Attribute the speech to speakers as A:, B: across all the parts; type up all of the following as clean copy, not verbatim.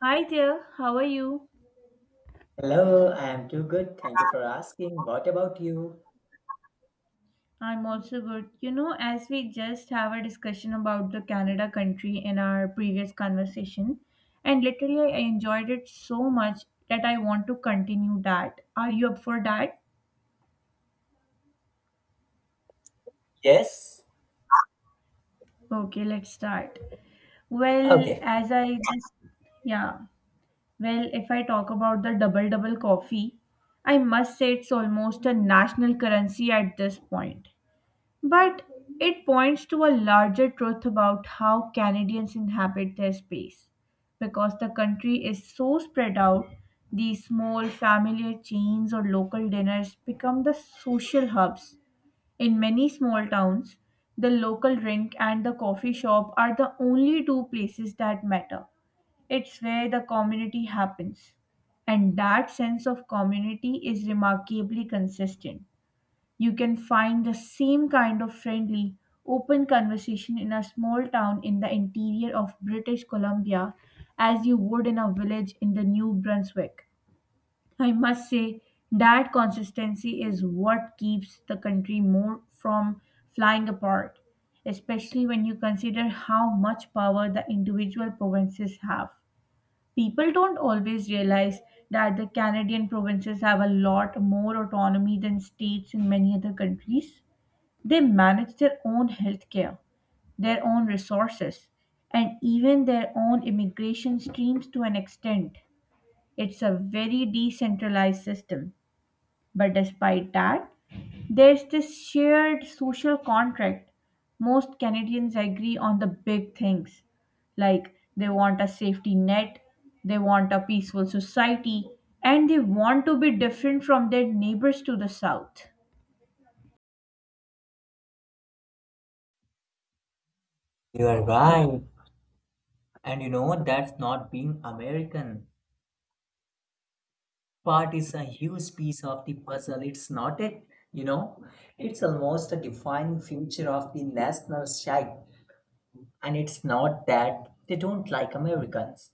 A: Hi there, how are you?
B: Hello, I am too good. Thank you for asking. What about you?
A: I'm also good. You know, as we just have a discussion about the Canada country in our previous conversation, and literally I enjoyed it so much that I want to continue that. Are you up for that?
B: Yes?
A: Okay, let's start. Well,
B: Okay.
A: as I just, yeah, well, if I talk about the double double coffee, I must say it's almost a national currency at this point. But it points to a larger truth about how Canadians inhabit their space. Because the country is so spread out, these small familiar chains or local dinners become the social hubs. In many small towns, the local rink and the coffee shop are the only two places that matter. It's where the community happens. And that sense of community is remarkably consistent. You can find the same kind of friendly, open conversation in a small town in the interior of British Columbia as you would in a village in the New Brunswick. I must say that consistency is what keeps the country more from flying apart, especially when you consider how much power the individual provinces have. People don't always realize that the Canadian provinces have a lot more autonomy than states in many other countries. They manage their own healthcare, their own resources, and even their own immigration streams to an extent. It's a very decentralized system. But despite that, there's this shared social contract. Most Canadians agree on the big things like they want a safety net, they want a peaceful society, and they want to be different from their neighbors to the south.
B: You are right. And you know what? That's not being American. Part is a huge piece of the puzzle. It's not it, you know? It's almost a defining feature of the national side. And it's not that they don't like Americans.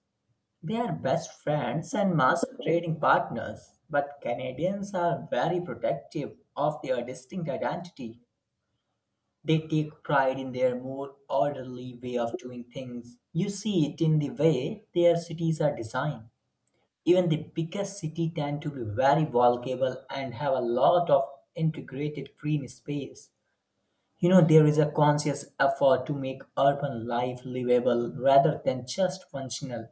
B: They are best friends and master trading partners. But Canadians are very protective of their distinct identity. They take pride in their more orderly way of doing things. You see it in the way their cities are designed. Even the biggest cities tend to be very walkable and have a lot of integrated green space. You know, there is a conscious effort to make urban life livable rather than just functional.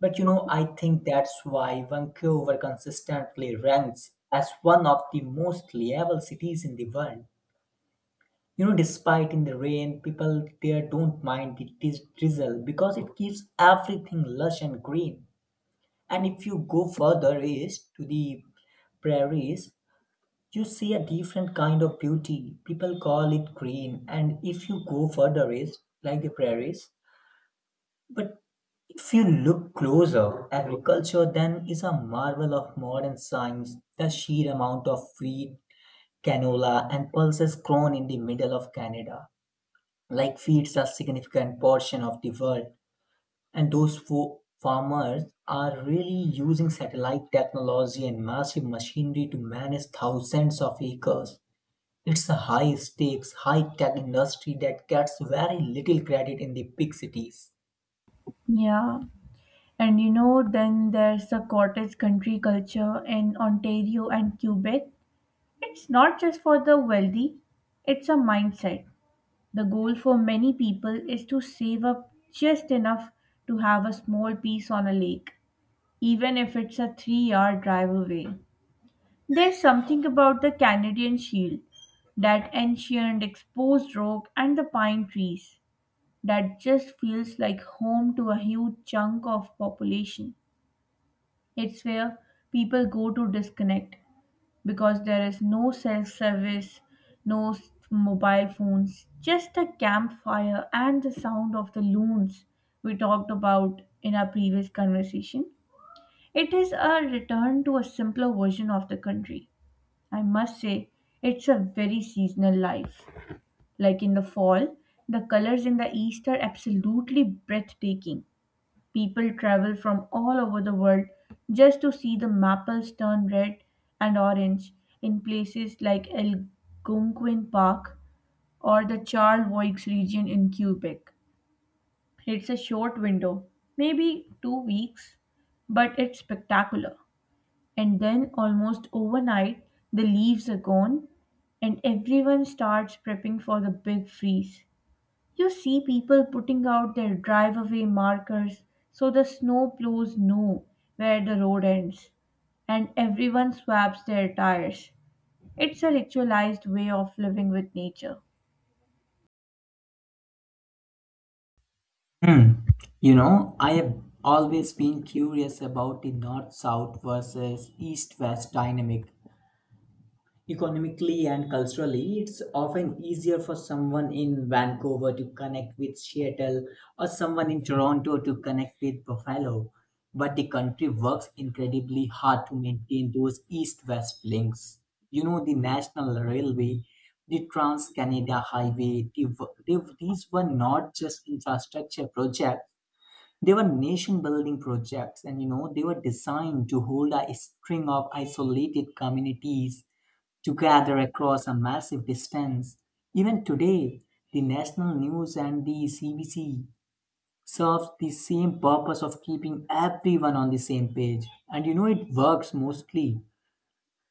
B: But you know, I think that's why Vancouver consistently ranks as one of the most livable cities in the world, you know, despite in the rain. People there don't mind the drizzle because it keeps everything lush and green. And if you go further east to the prairies, you see a different kind of beauty. People call it green. And if you go further east, like the prairies, but if you look closer, agriculture then is a marvel of modern science. The sheer amount of wheat, canola, and pulses grown in the middle of Canada like feeds a significant portion of the world. And those farmers are really using satellite technology and massive machinery to manage thousands of acres. It's a high stakes, high tech industry that gets very little credit in the big cities.
A: Yeah. And you know, then there's the cottage country culture in Ontario and Quebec. It's not just for the wealthy, it's a mindset. The goal for many people is to save up just enough to have a small piece on a lake, even if it's a 3 hour drive away. There's something about the Canadian shield, that ancient exposed rock and the pine trees, that just feels like home to a huge chunk of population. It's where people go to disconnect because there is no self service, no s- mobile phones, just a campfire and the sound of the loons we talked about in our previous conversation. It is a return to a simpler version of the country. I must say, it's a very seasonal life. Like in the fall, the colors in the east are absolutely breathtaking. People travel from all over the world just to see the maples turn red and orange in places like Algonquin Park or the Charlevoix region in Quebec. It's a short window, maybe 2 weeks, but it's spectacular. And then, almost overnight, the leaves are gone and everyone starts prepping for the big freeze. You see people putting out their driveway markers so the snowplows know where the road ends, and everyone swaps their tires. It's a ritualized way of living with nature.
B: Hmm. You know, I have always been curious about the north south versus east west dynamic. Economically and culturally, it's often easier for someone in Vancouver to connect with Seattle or someone in Toronto to connect with Buffalo. But the country works incredibly hard to maintain those east west links. You know, the National Railway, the Trans Canada Highway, these were not just infrastructure projects, they were nation building projects. And you know, they were designed to hold a string of isolated communities together across a massive distance. Even today, the national news and the CBC serves the same purpose of keeping everyone on the same page. And you know, it works mostly.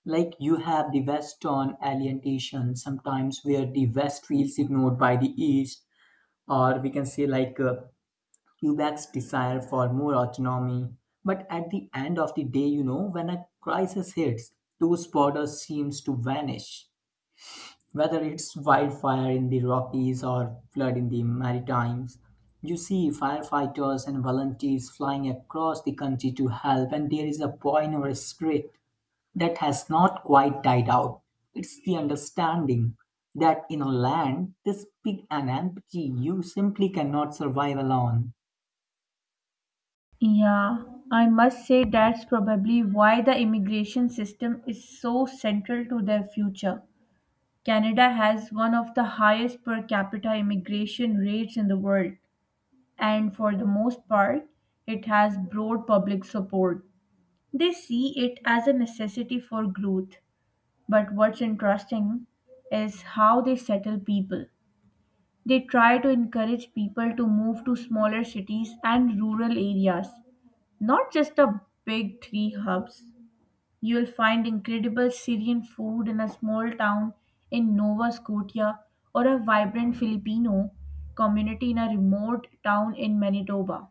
B: Like you have the West on alienation, sometimes where the West feels ignored by the East, or we can say like Quebec's desire for more autonomy. But at the end of the day, you know, when a crisis hits, those borders seems to vanish. Whether it's wildfire in the Rockies or flood in the Maritimes, you see firefighters and volunteers flying across the country to help, and there is a joy in our spirit that has not quite died out. It's the understanding that in a land this big and empty, you simply cannot survive alone.
A: Yeah, I must say that's probably why the immigration system is so central to their future. Canada has one of the highest per capita immigration rates in the world, and for the most part, it has broad public support. They see it as a necessity for growth. But what's interesting is how they settle people. They try to encourage people to move to smaller cities and rural areas, not just the big three hubs. You'll find incredible Syrian food in a small town in Nova Scotia or a vibrant Filipino community in a remote town in Manitoba.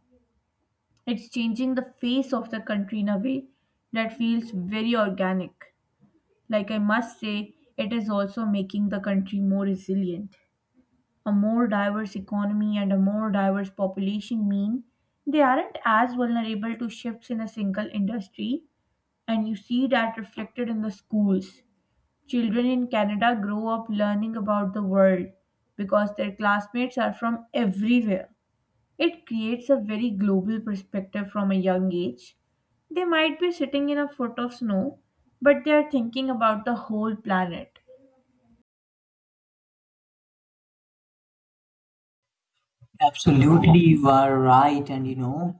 A: It's changing the face of the country in a way that feels very organic. Like I must say, it is also making the country more resilient. A more diverse economy and a more diverse population mean they aren't as vulnerable to shifts in a single industry, and you see that reflected in the schools. Children in Canada grow up learning about the world because their classmates are from everywhere. It creates a very global perspective from a young age. They might be sitting in a foot of snow, but they are thinking about the whole planet.
B: Absolutely, you are right. And you know,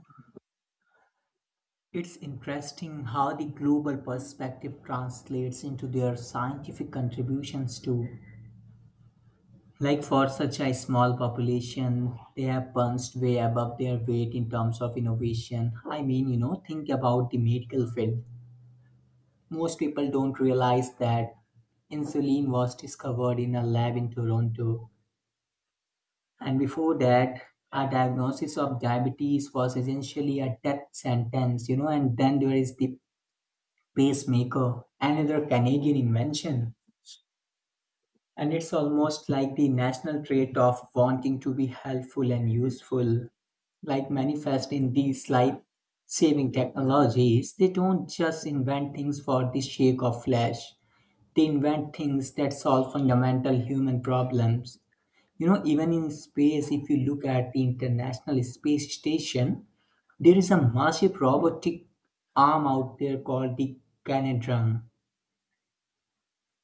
B: it's interesting how the global perspective translates into their scientific contributions too. Like for such a small population, they have punched way above their weight in terms of innovation. I mean, you know, think about the medical field. Most people don't realize that insulin was discovered in a lab in Toronto. And before that, a diagnosis of diabetes was essentially a death sentence. You know, and then there is the pacemaker, another Canadian invention. And it's almost like the national trait of wanting to be helpful and useful, like manifest in these life saving technologies. They don't just invent things for the sake of flash; they invent things that solve fundamental human problems. You know, even in space, if you look at the International Space Station, there is a massive robotic arm out there called the Canadrum.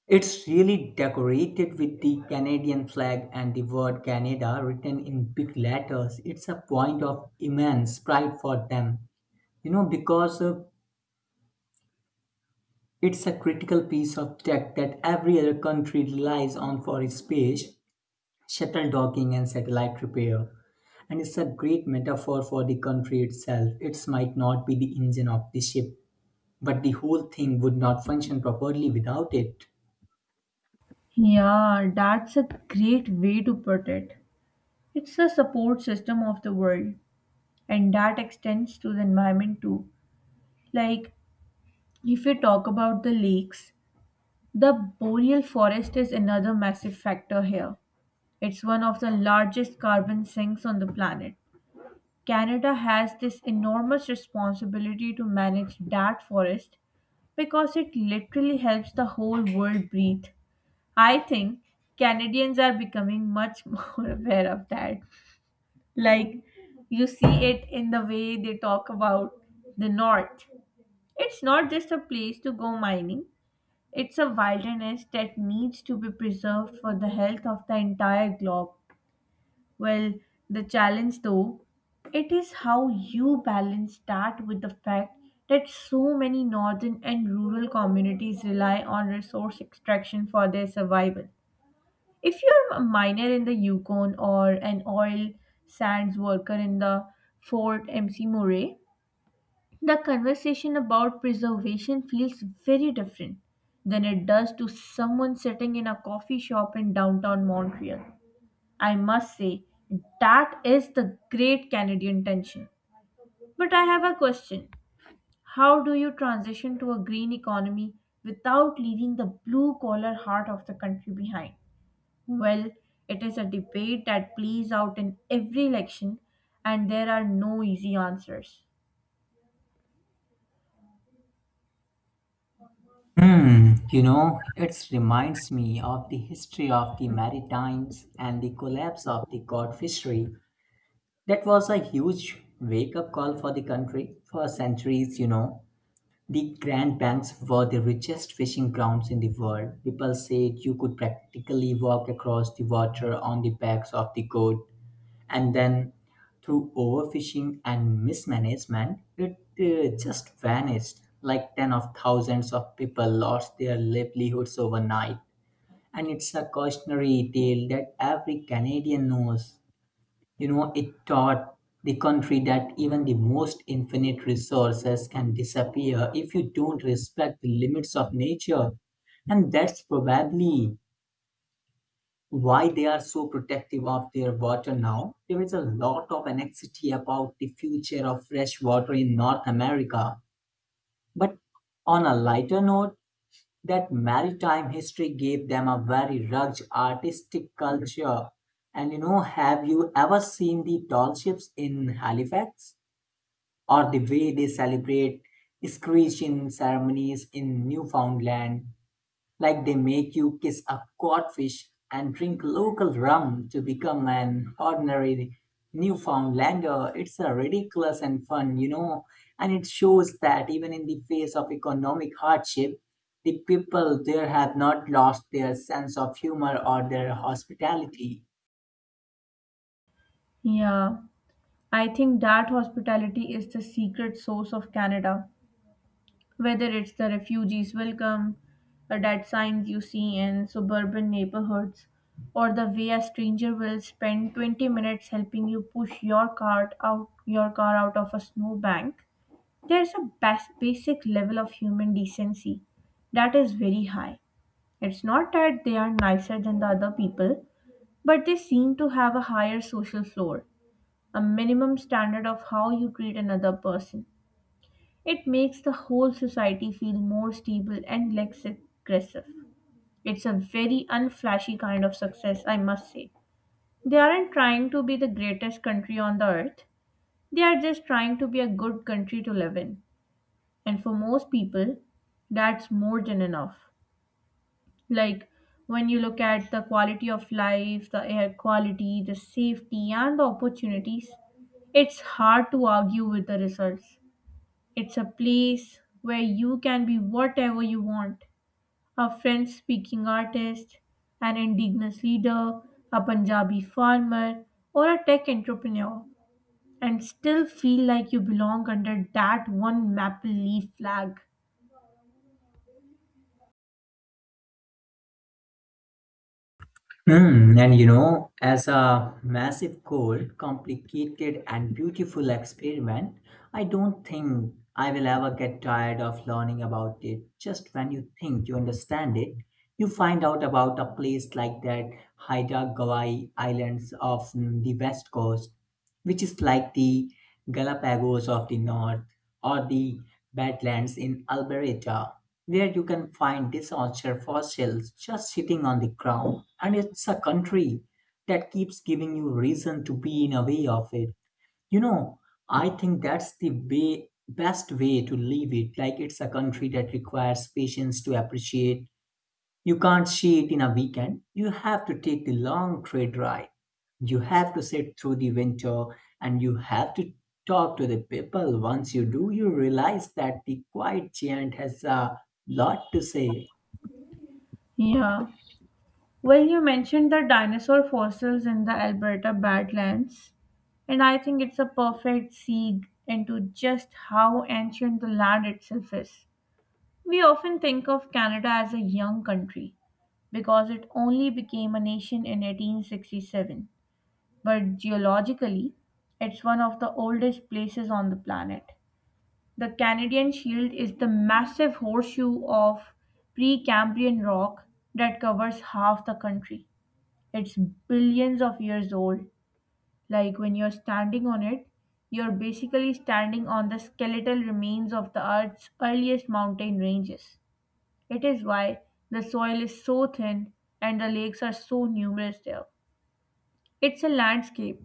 B: It's really decorated with the Canadian flag and the word Canada written in big letters. It's a point of immense pride for them, you know, because it's a critical piece of tech that every other country relies on for space, shuttle docking, and satellite repair. And it's a great metaphor for the country itself. It might not be the engine of the ship, but the whole thing would not function properly without it.
A: Yeah, that's a great way to put it. It's the support system of the world, and that extends to the environment too. Like, if we talk about the lakes, the boreal forest is another massive factor here. It's one of the largest carbon sinks on the planet. Canada has this enormous responsibility to manage that forest because it literally helps the whole world breathe. I think Canadians are becoming much more aware of that. Like, you see it in the way they talk about the North. It's not just a place to go mining, it's a wilderness that needs to be preserved for the health of the entire globe. Well, the challenge though, it is how you balance that with the fact that so many northern and rural communities rely on resource extraction for their survival. If you're a miner in the Yukon or an oil sands worker in the Fort Mc Murray, the conversation about preservation feels very different than it does to someone sitting in a coffee shop in downtown Montreal. I must say, that is the great Canadian tension. But I have a question. How do you transition to a green economy without leaving the blue collar heart of the country behind? Well, it is a debate that plays out in every election, and there are no easy answers.
B: Hmm, you know, it reminds me of the history of the Maritimes and the collapse of the cod fishery. That was a huge wake up call for the country. For centuries, you know, the Grand Banks were the richest fishing grounds in the world. People said you could practically walk across the water on the backs of the cod. And then through overfishing and mismanagement, it just vanished. Like 10 of thousands of people lost their livelihoods overnight, and it's a cautionary tale that every Canadian knows. You know, it taught the country that even the most infinite resources can disappear if you don't respect the limits of nature. And that's probably why they are so protective of their water now. There is a lot of anxiety about the future of fresh water in North America. But on a lighter note, that maritime history gave them a very rugged artistic culture. And you know, have you ever seen the doll ships in Halifax? Or the way they celebrate screeching ceremonies in Newfoundland? Like they make you kiss a codfish and drink local rum to become an ordinary Newfoundlander. It's a ridiculous and fun, you know, and it shows that even in the face of economic hardship, the people there have not lost their sense of humor or their hospitality.
A: Yeah, I think that hospitality is the secret source of Canada. Whether it's the refugees welcome, that signs you see in suburban neighborhoods, or the way a stranger will spend 20 minutes helping you push your cart out your car out of a snowbank, there's a basic level of human decency that is very high. It's not that they are nicer than the other people, but they seem to have a higher social floor, a minimum standard of how you treat another person. It makes the whole society feel more stable and less aggressive. It's a very unflashy kind of success, I must say. They aren't trying to be the greatest country on the earth, they are just trying to be a good country to live in. And for most people, that's more than enough. Like when you look at the quality of life, the air quality, the safety, and the opportunities, it's hard to argue with the results. It's a place where you can be whatever you want, a French speaking artist, an indigenous leader, a Punjabi farmer, or a tech entrepreneur, and still feel like you belong under that one maple leaf flag.
B: Mm, and you know, as a massive, cold, complicated, and beautiful experiment, I don't think I will ever get tired of learning about it. Just when you think you understand it, you find out about a place like that Haida Gwaii Islands of the West Coast, which is like the Galapagos of the North, or the Badlands in Alberta, where you can find dinosaur fossils just sitting on the ground. And it's a country that keeps giving you reason to be in a way of it. You know, I think that's the way, best way to leave it. Like it's a country that requires patience to appreciate. You can't see it in a weekend. You have to take the long trade ride. You have to sit through the winter, and you have to talk to the people. Once you do, you realize that the quiet giant has a lot to say.
A: Yeah. Well, you mentioned the dinosaur fossils in the Alberta Badlands, and I think it's a perfect segue into just how ancient the land itself is. We often think of Canada as a young country because it only became a nation in 1867, but geologically, it's one of the oldest places on the planet. The Canadian Shield is the massive horseshoe of Precambrian rock that covers half the country. It's billions of years old. Like when you're standing on it, you're basically standing on the skeletal remains of the Earth's earliest mountain ranges. It is why the soil is so thin and the lakes are so numerous there. It's a landscape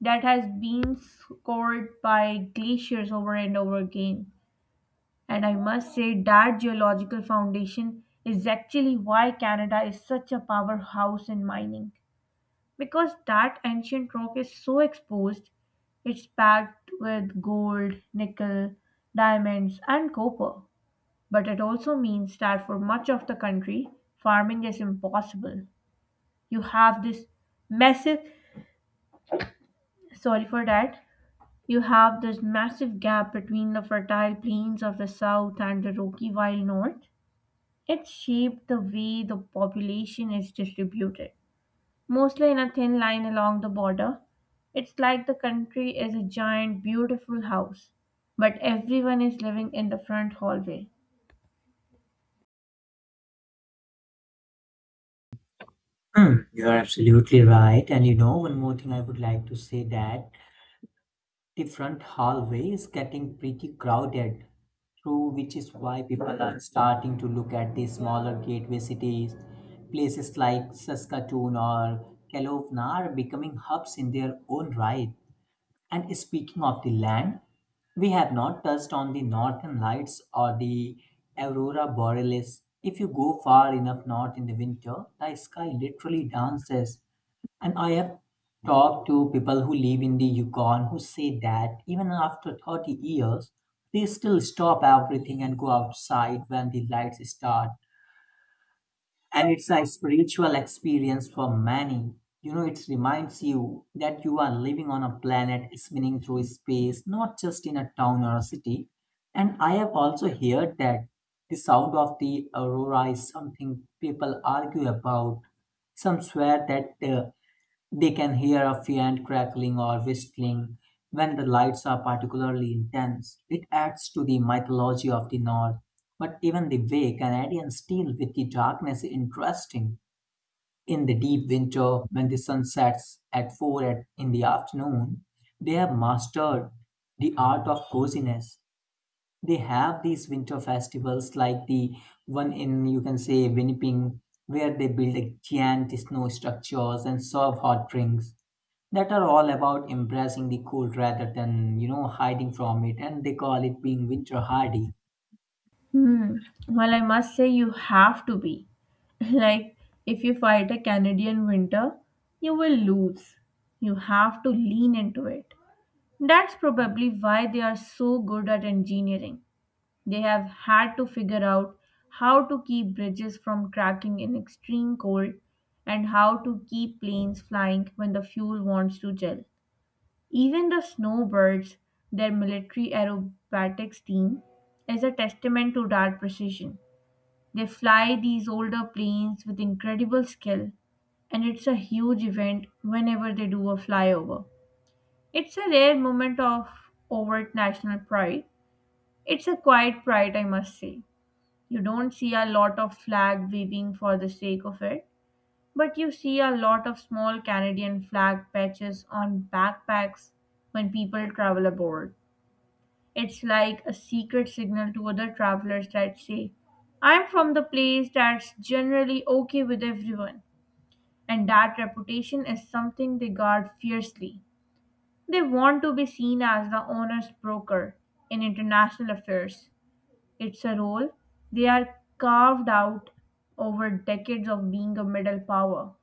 A: that has been scored by glaciers over and over again. And I must say that geological foundation is actually why Canada is such a powerhouse in mining. Because that ancient rock is so exposed, it's packed with gold, nickel, diamonds, and copper. But it also means that for much of the country, farming is impossible. You have this massive, sorry for that, you have this massive gap between the fertile plains of the south and the rocky wild north. It shaped the way the population is distributed, mostly in a thin line along the border. It's like the country is a giant, beautiful house, but everyone is living in the front hallway.
B: Hmm, you're absolutely right. And you know, one more thing I would like to say that the front hallway is getting pretty crowded, too, which is why people are starting to look at the smaller gateway cities. Places like Saskatoon or Kelowna are becoming hubs in their own right. And speaking of the land, we have not touched on the northern lights or the aurora borealis. If you go far enough north in the winter, the sky literally dances. And I have talked to people who live in the Yukon who say that even after 30 years, they still stop everything and go outside when the lights start. And it's a spiritual experience for many. You know, it reminds you that you are living on a planet spinning through space, not just in a town or a city. And I have also heard that the sound of the aurora is something people argue about. Some swear that they can hear a faint crackling or whistling when the lights are particularly intense. It adds to the mythology of the North. But even the way Canadians deal with the darkness is interesting. In the deep winter, when the sun sets at 4 in the afternoon, they have mastered the art of coziness. They have these winter festivals like the one in, you can say, Winnipeg, where they build a giant snow structures and serve hot drinks that are all about embracing the cold rather than, you know, hiding from it. And they call it being winter hardy.
A: Hmm. Well, I must say, you have to be. Like, if you fight a Canadian winter, you will lose. You have to lean into it. That's probably why they are so good at engineering. They have had to figure out how to keep bridges from cracking in extreme cold and how to keep planes flying when the fuel wants to gel. Even the Snowbirds, their military aerobatics team, is a testament to that precision. They fly these older planes with incredible skill, and it's a huge event whenever they do a flyover. It's a rare moment of overt national pride. It's a quiet pride, I must say. You don't see a lot of flag waving for the sake of it, but you see a lot of small Canadian flag patches on backpacks when people travel aboard. It's like a secret signal to other travelers that say, I'm from the place that's generally okay with everyone, and that reputation is something they guard fiercely. They want to be seen as the honest broker in international affairs. It's a role they are carved out over decades of being a middle power.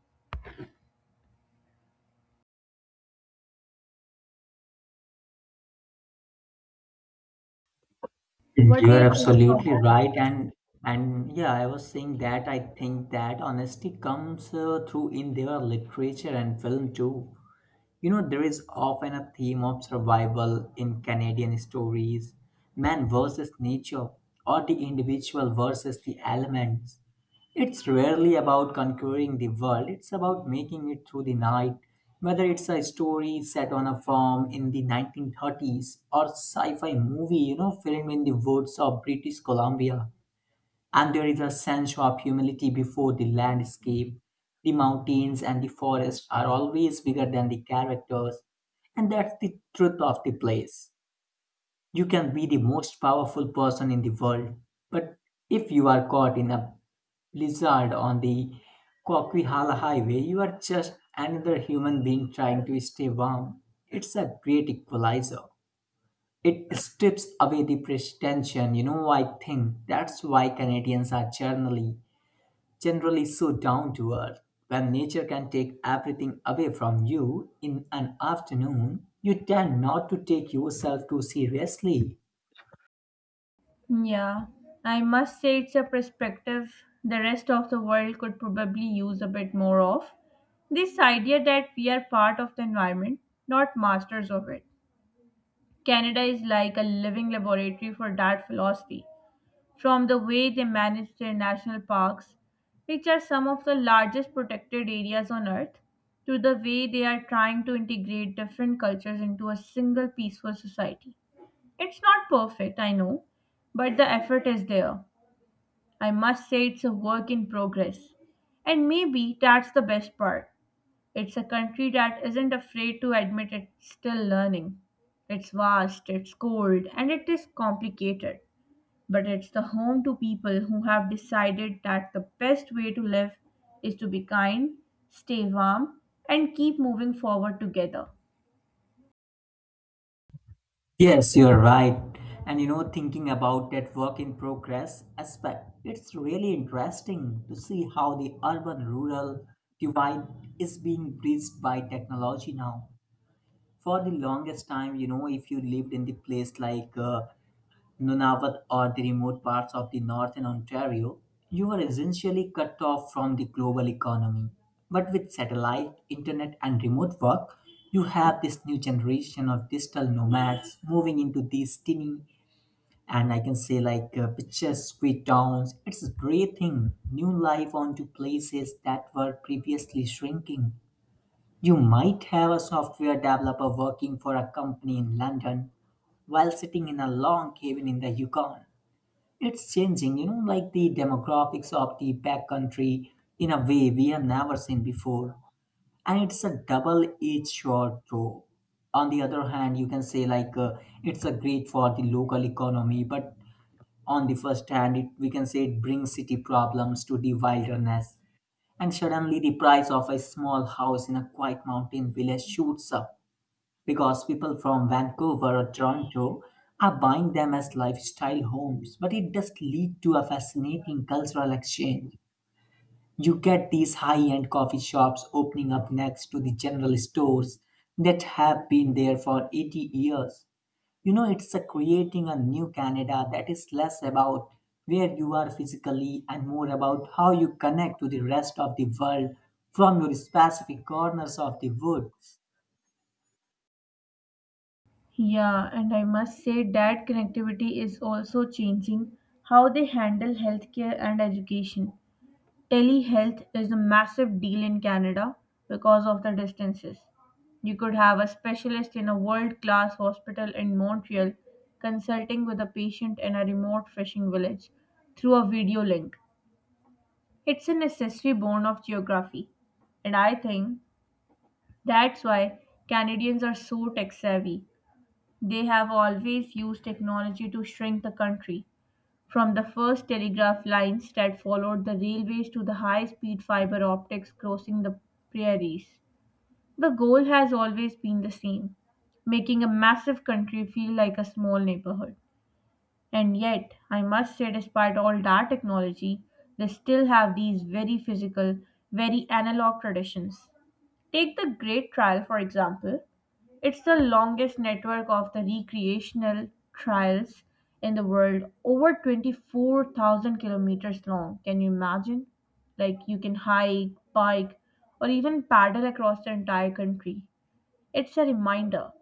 A: What
B: You
A: do
B: are
A: you think about
B: absolutely right. And yeah, I was saying that I think that honesty comes through in their literature and film too. You know, there is often a theme of survival in Canadian stories, man versus nature, or the individual versus the elements. It's rarely about conquering the world, it's about making it through the night. Whether it's a story set on a farm in the 1930s or sci fi movie, you know, filmed in the woods of British Columbia, and there is a sense of humility before the landscape. The mountains and the forest are always bigger than the characters, and that's the truth of the place. You can be the most powerful person in the world, but if you are caught in a blizzard on the Coquihalla Highway, you are just another human being trying to stay warm. It's a great equalizer. It strips away the pretension. You know, I think that's why Canadians are generally so down to earth. When nature can take everything away from you in an afternoon, you tend not to take yourself too seriously.
A: that? Yeah, I must say it's a perspective the rest of the world could probably use a bit more of. This idea that we are part of the environment, not masters of it. Canada is like a living laboratory for that philosophy, from the way they manage their national parks, which are some of the largest protected areas on earth, to the way they are trying to integrate different cultures into a single peaceful society. It's not perfect, I know, but the effort is there. I must say it's a work in progress. And maybe that's the best part. It's a country that isn't afraid to admit it's still learning. It's vast, it's cold, and it is complicated, but it's the home to people who have decided that the best way to live is to be kind, stay warm, and keep moving forward together.
B: Yes, you're right. And you know, thinking about that work in progress aspect, it's really interesting to see how the urban rural divide is being bridged by technology now. For the longest time, you know, if you lived in the place like Nunavut or the remote parts of the northern Ontario, you were essentially cut off from the global economy. But with satellite, internet, and remote work, you have this new generation of digital nomads moving into these tiny and I can say like picturesque towns. It's breathing new life onto places that were previously shrinking. You might have a software developer working for a company in London while sitting in a log cabin in the Yukon. It's changing, you know, like the demographics of the backcountry in a way we have never seen before. And it's a double edged sword, though. On the other hand, you can say, like, it's a great for the local economy, but on the first hand, we can say it brings city problems to the wilderness. And suddenly, the price of a small house in a quiet mountain village shoots up because people from Vancouver or Toronto are buying them as lifestyle homes. But it does lead to a fascinating cultural exchange. You get these high end coffee shops opening up next to the general stores that have been there for 80 years. You know, it's a creating a new Canada that is less about where you are physically and more about how you connect to the rest of the world from your specific corners of the woods.
A: Yeah, and I must say that connectivity is also changing how they handle healthcare and education. Telehealth is a massive deal in Canada because of the distances. You could have a specialist in a world class hospital in Montreal consulting with a patient in a remote fishing village through a video link. It's a necessary bone of geography. And I think that's why Canadians are so tech savvy. They have always used technology to shrink the country. From the first telegraph lines that followed the railways to the high speed fiber optics crossing the prairies, the goal has always been the same, making a massive country feel like a small neighborhood. And yet, I must say, despite all that technology, they still have these very physical, very analog traditions. Take the Great Trial for example. It's the longest network of the recreational trails in the world, over 24,000 kilometers long. Can you imagine? Like you can hike, bike, or even paddle across the entire country. It's a reminder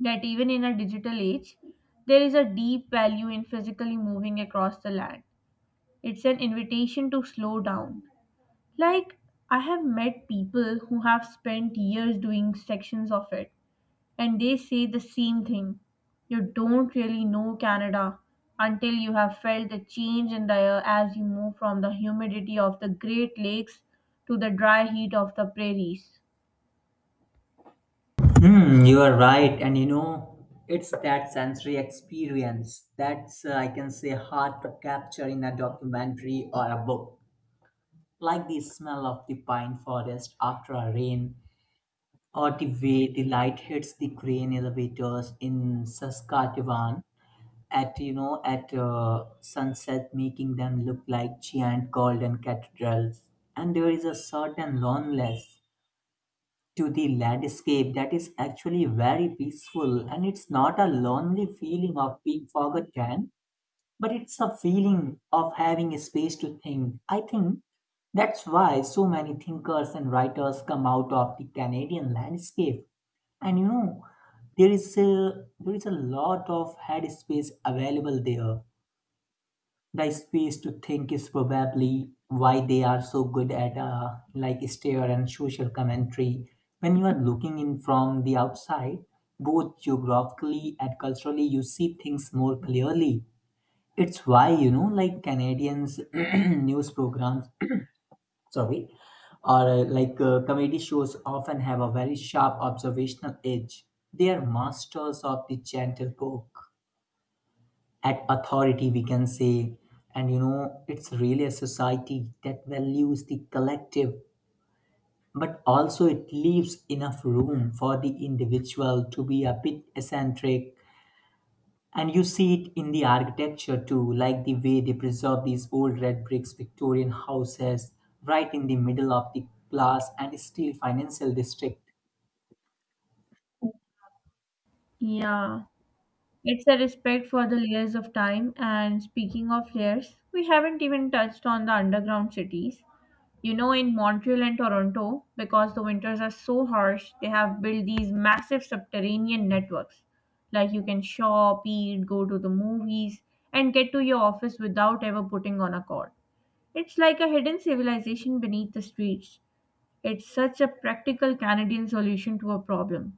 A: that even in a digital age, there is a deep value in physically moving across the land. It's an invitation to slow down, like, I have met people who have spent years doing sections of it, and they say the same thing. You don't really know Canada until you have felt the change in the air as you move from the humidity of the Great Lakes to the dry heat of the prairies.
B: Hmm, you are right, and you know, it's that sensory experience that's I can say hard to capture in a documentary or a book, like the smell of the pine forest after a rain, or the way the light hits the crane elevators in Saskatchewan at you know at sunset, making them look like giant golden cathedrals. And there is a certain loneliness to the landscape that is actually very peaceful, and it's not a lonely feeling of being forgotten, but it's a feeling of having a space to think. I think that's why so many thinkers and writers come out of the Canadian landscape. And you know, there is a there is a lot of headspace available there. The space to think is probably why they are so good at like stare and social commentary. When you are looking in from the outside, both geographically and culturally, you see things more clearly. It's why, you know, like Canadians' news programs, sorry, or like comedy shows often have a very sharp observational edge. They are masters of the gentle poke at authority, we can say. And you know, it's really a society that values the collective, but also it leaves enough room for the individual to be a bit eccentric. And you see it in the architecture too, like the way they preserve these old red bricks Victorian houses right in the middle of the class and still financial district.
A: Yeah, it's a respect for the layers of time. And speaking of layers, we haven't even touched on the underground cities. You know, in Montreal and Toronto, because the winters are so harsh, they have built these massive subterranean networks. Like you can shop, eat, go to the movies, and get to your office without ever putting on a cord. It's like a hidden civilization beneath the streets. It's such a practical Canadian solution to a problem.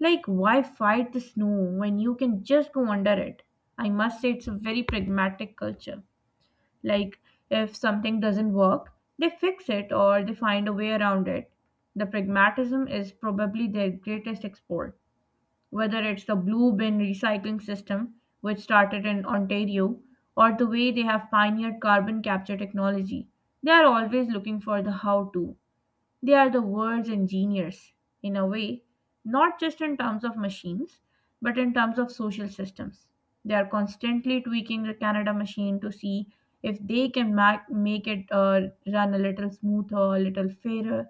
A: Like, why fight the snow when you can just go under it? I must say, it's a very pragmatic culture. Like if something doesn't work, they fix it or they find a way around it. The pragmatism is probably their greatest export. Whether it's the blue bin recycling system, which started in Ontario, or the way they have pioneered carbon capture technology, they are always looking for the how to. They are the world's engineers, in a way, not just in terms of machines, but in terms of social systems. They are constantly tweaking the Canada machine to see if they can make it run a little smoother, a little fairer,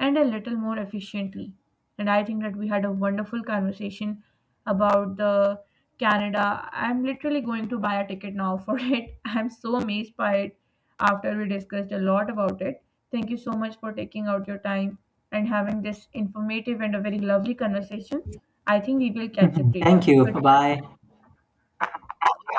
A: and a little more efficiently. And I think that we had a wonderful conversation about the Canada. I'm literally going to buy a ticket now for it. I'm so amazed by it after we discussed a lot about it. Thank you so much for taking out your time and having this informative and a very lovely conversation. I think we will catch up
B: Thank
A: later.
B: you,
A: Goodbye.
B: bye bye.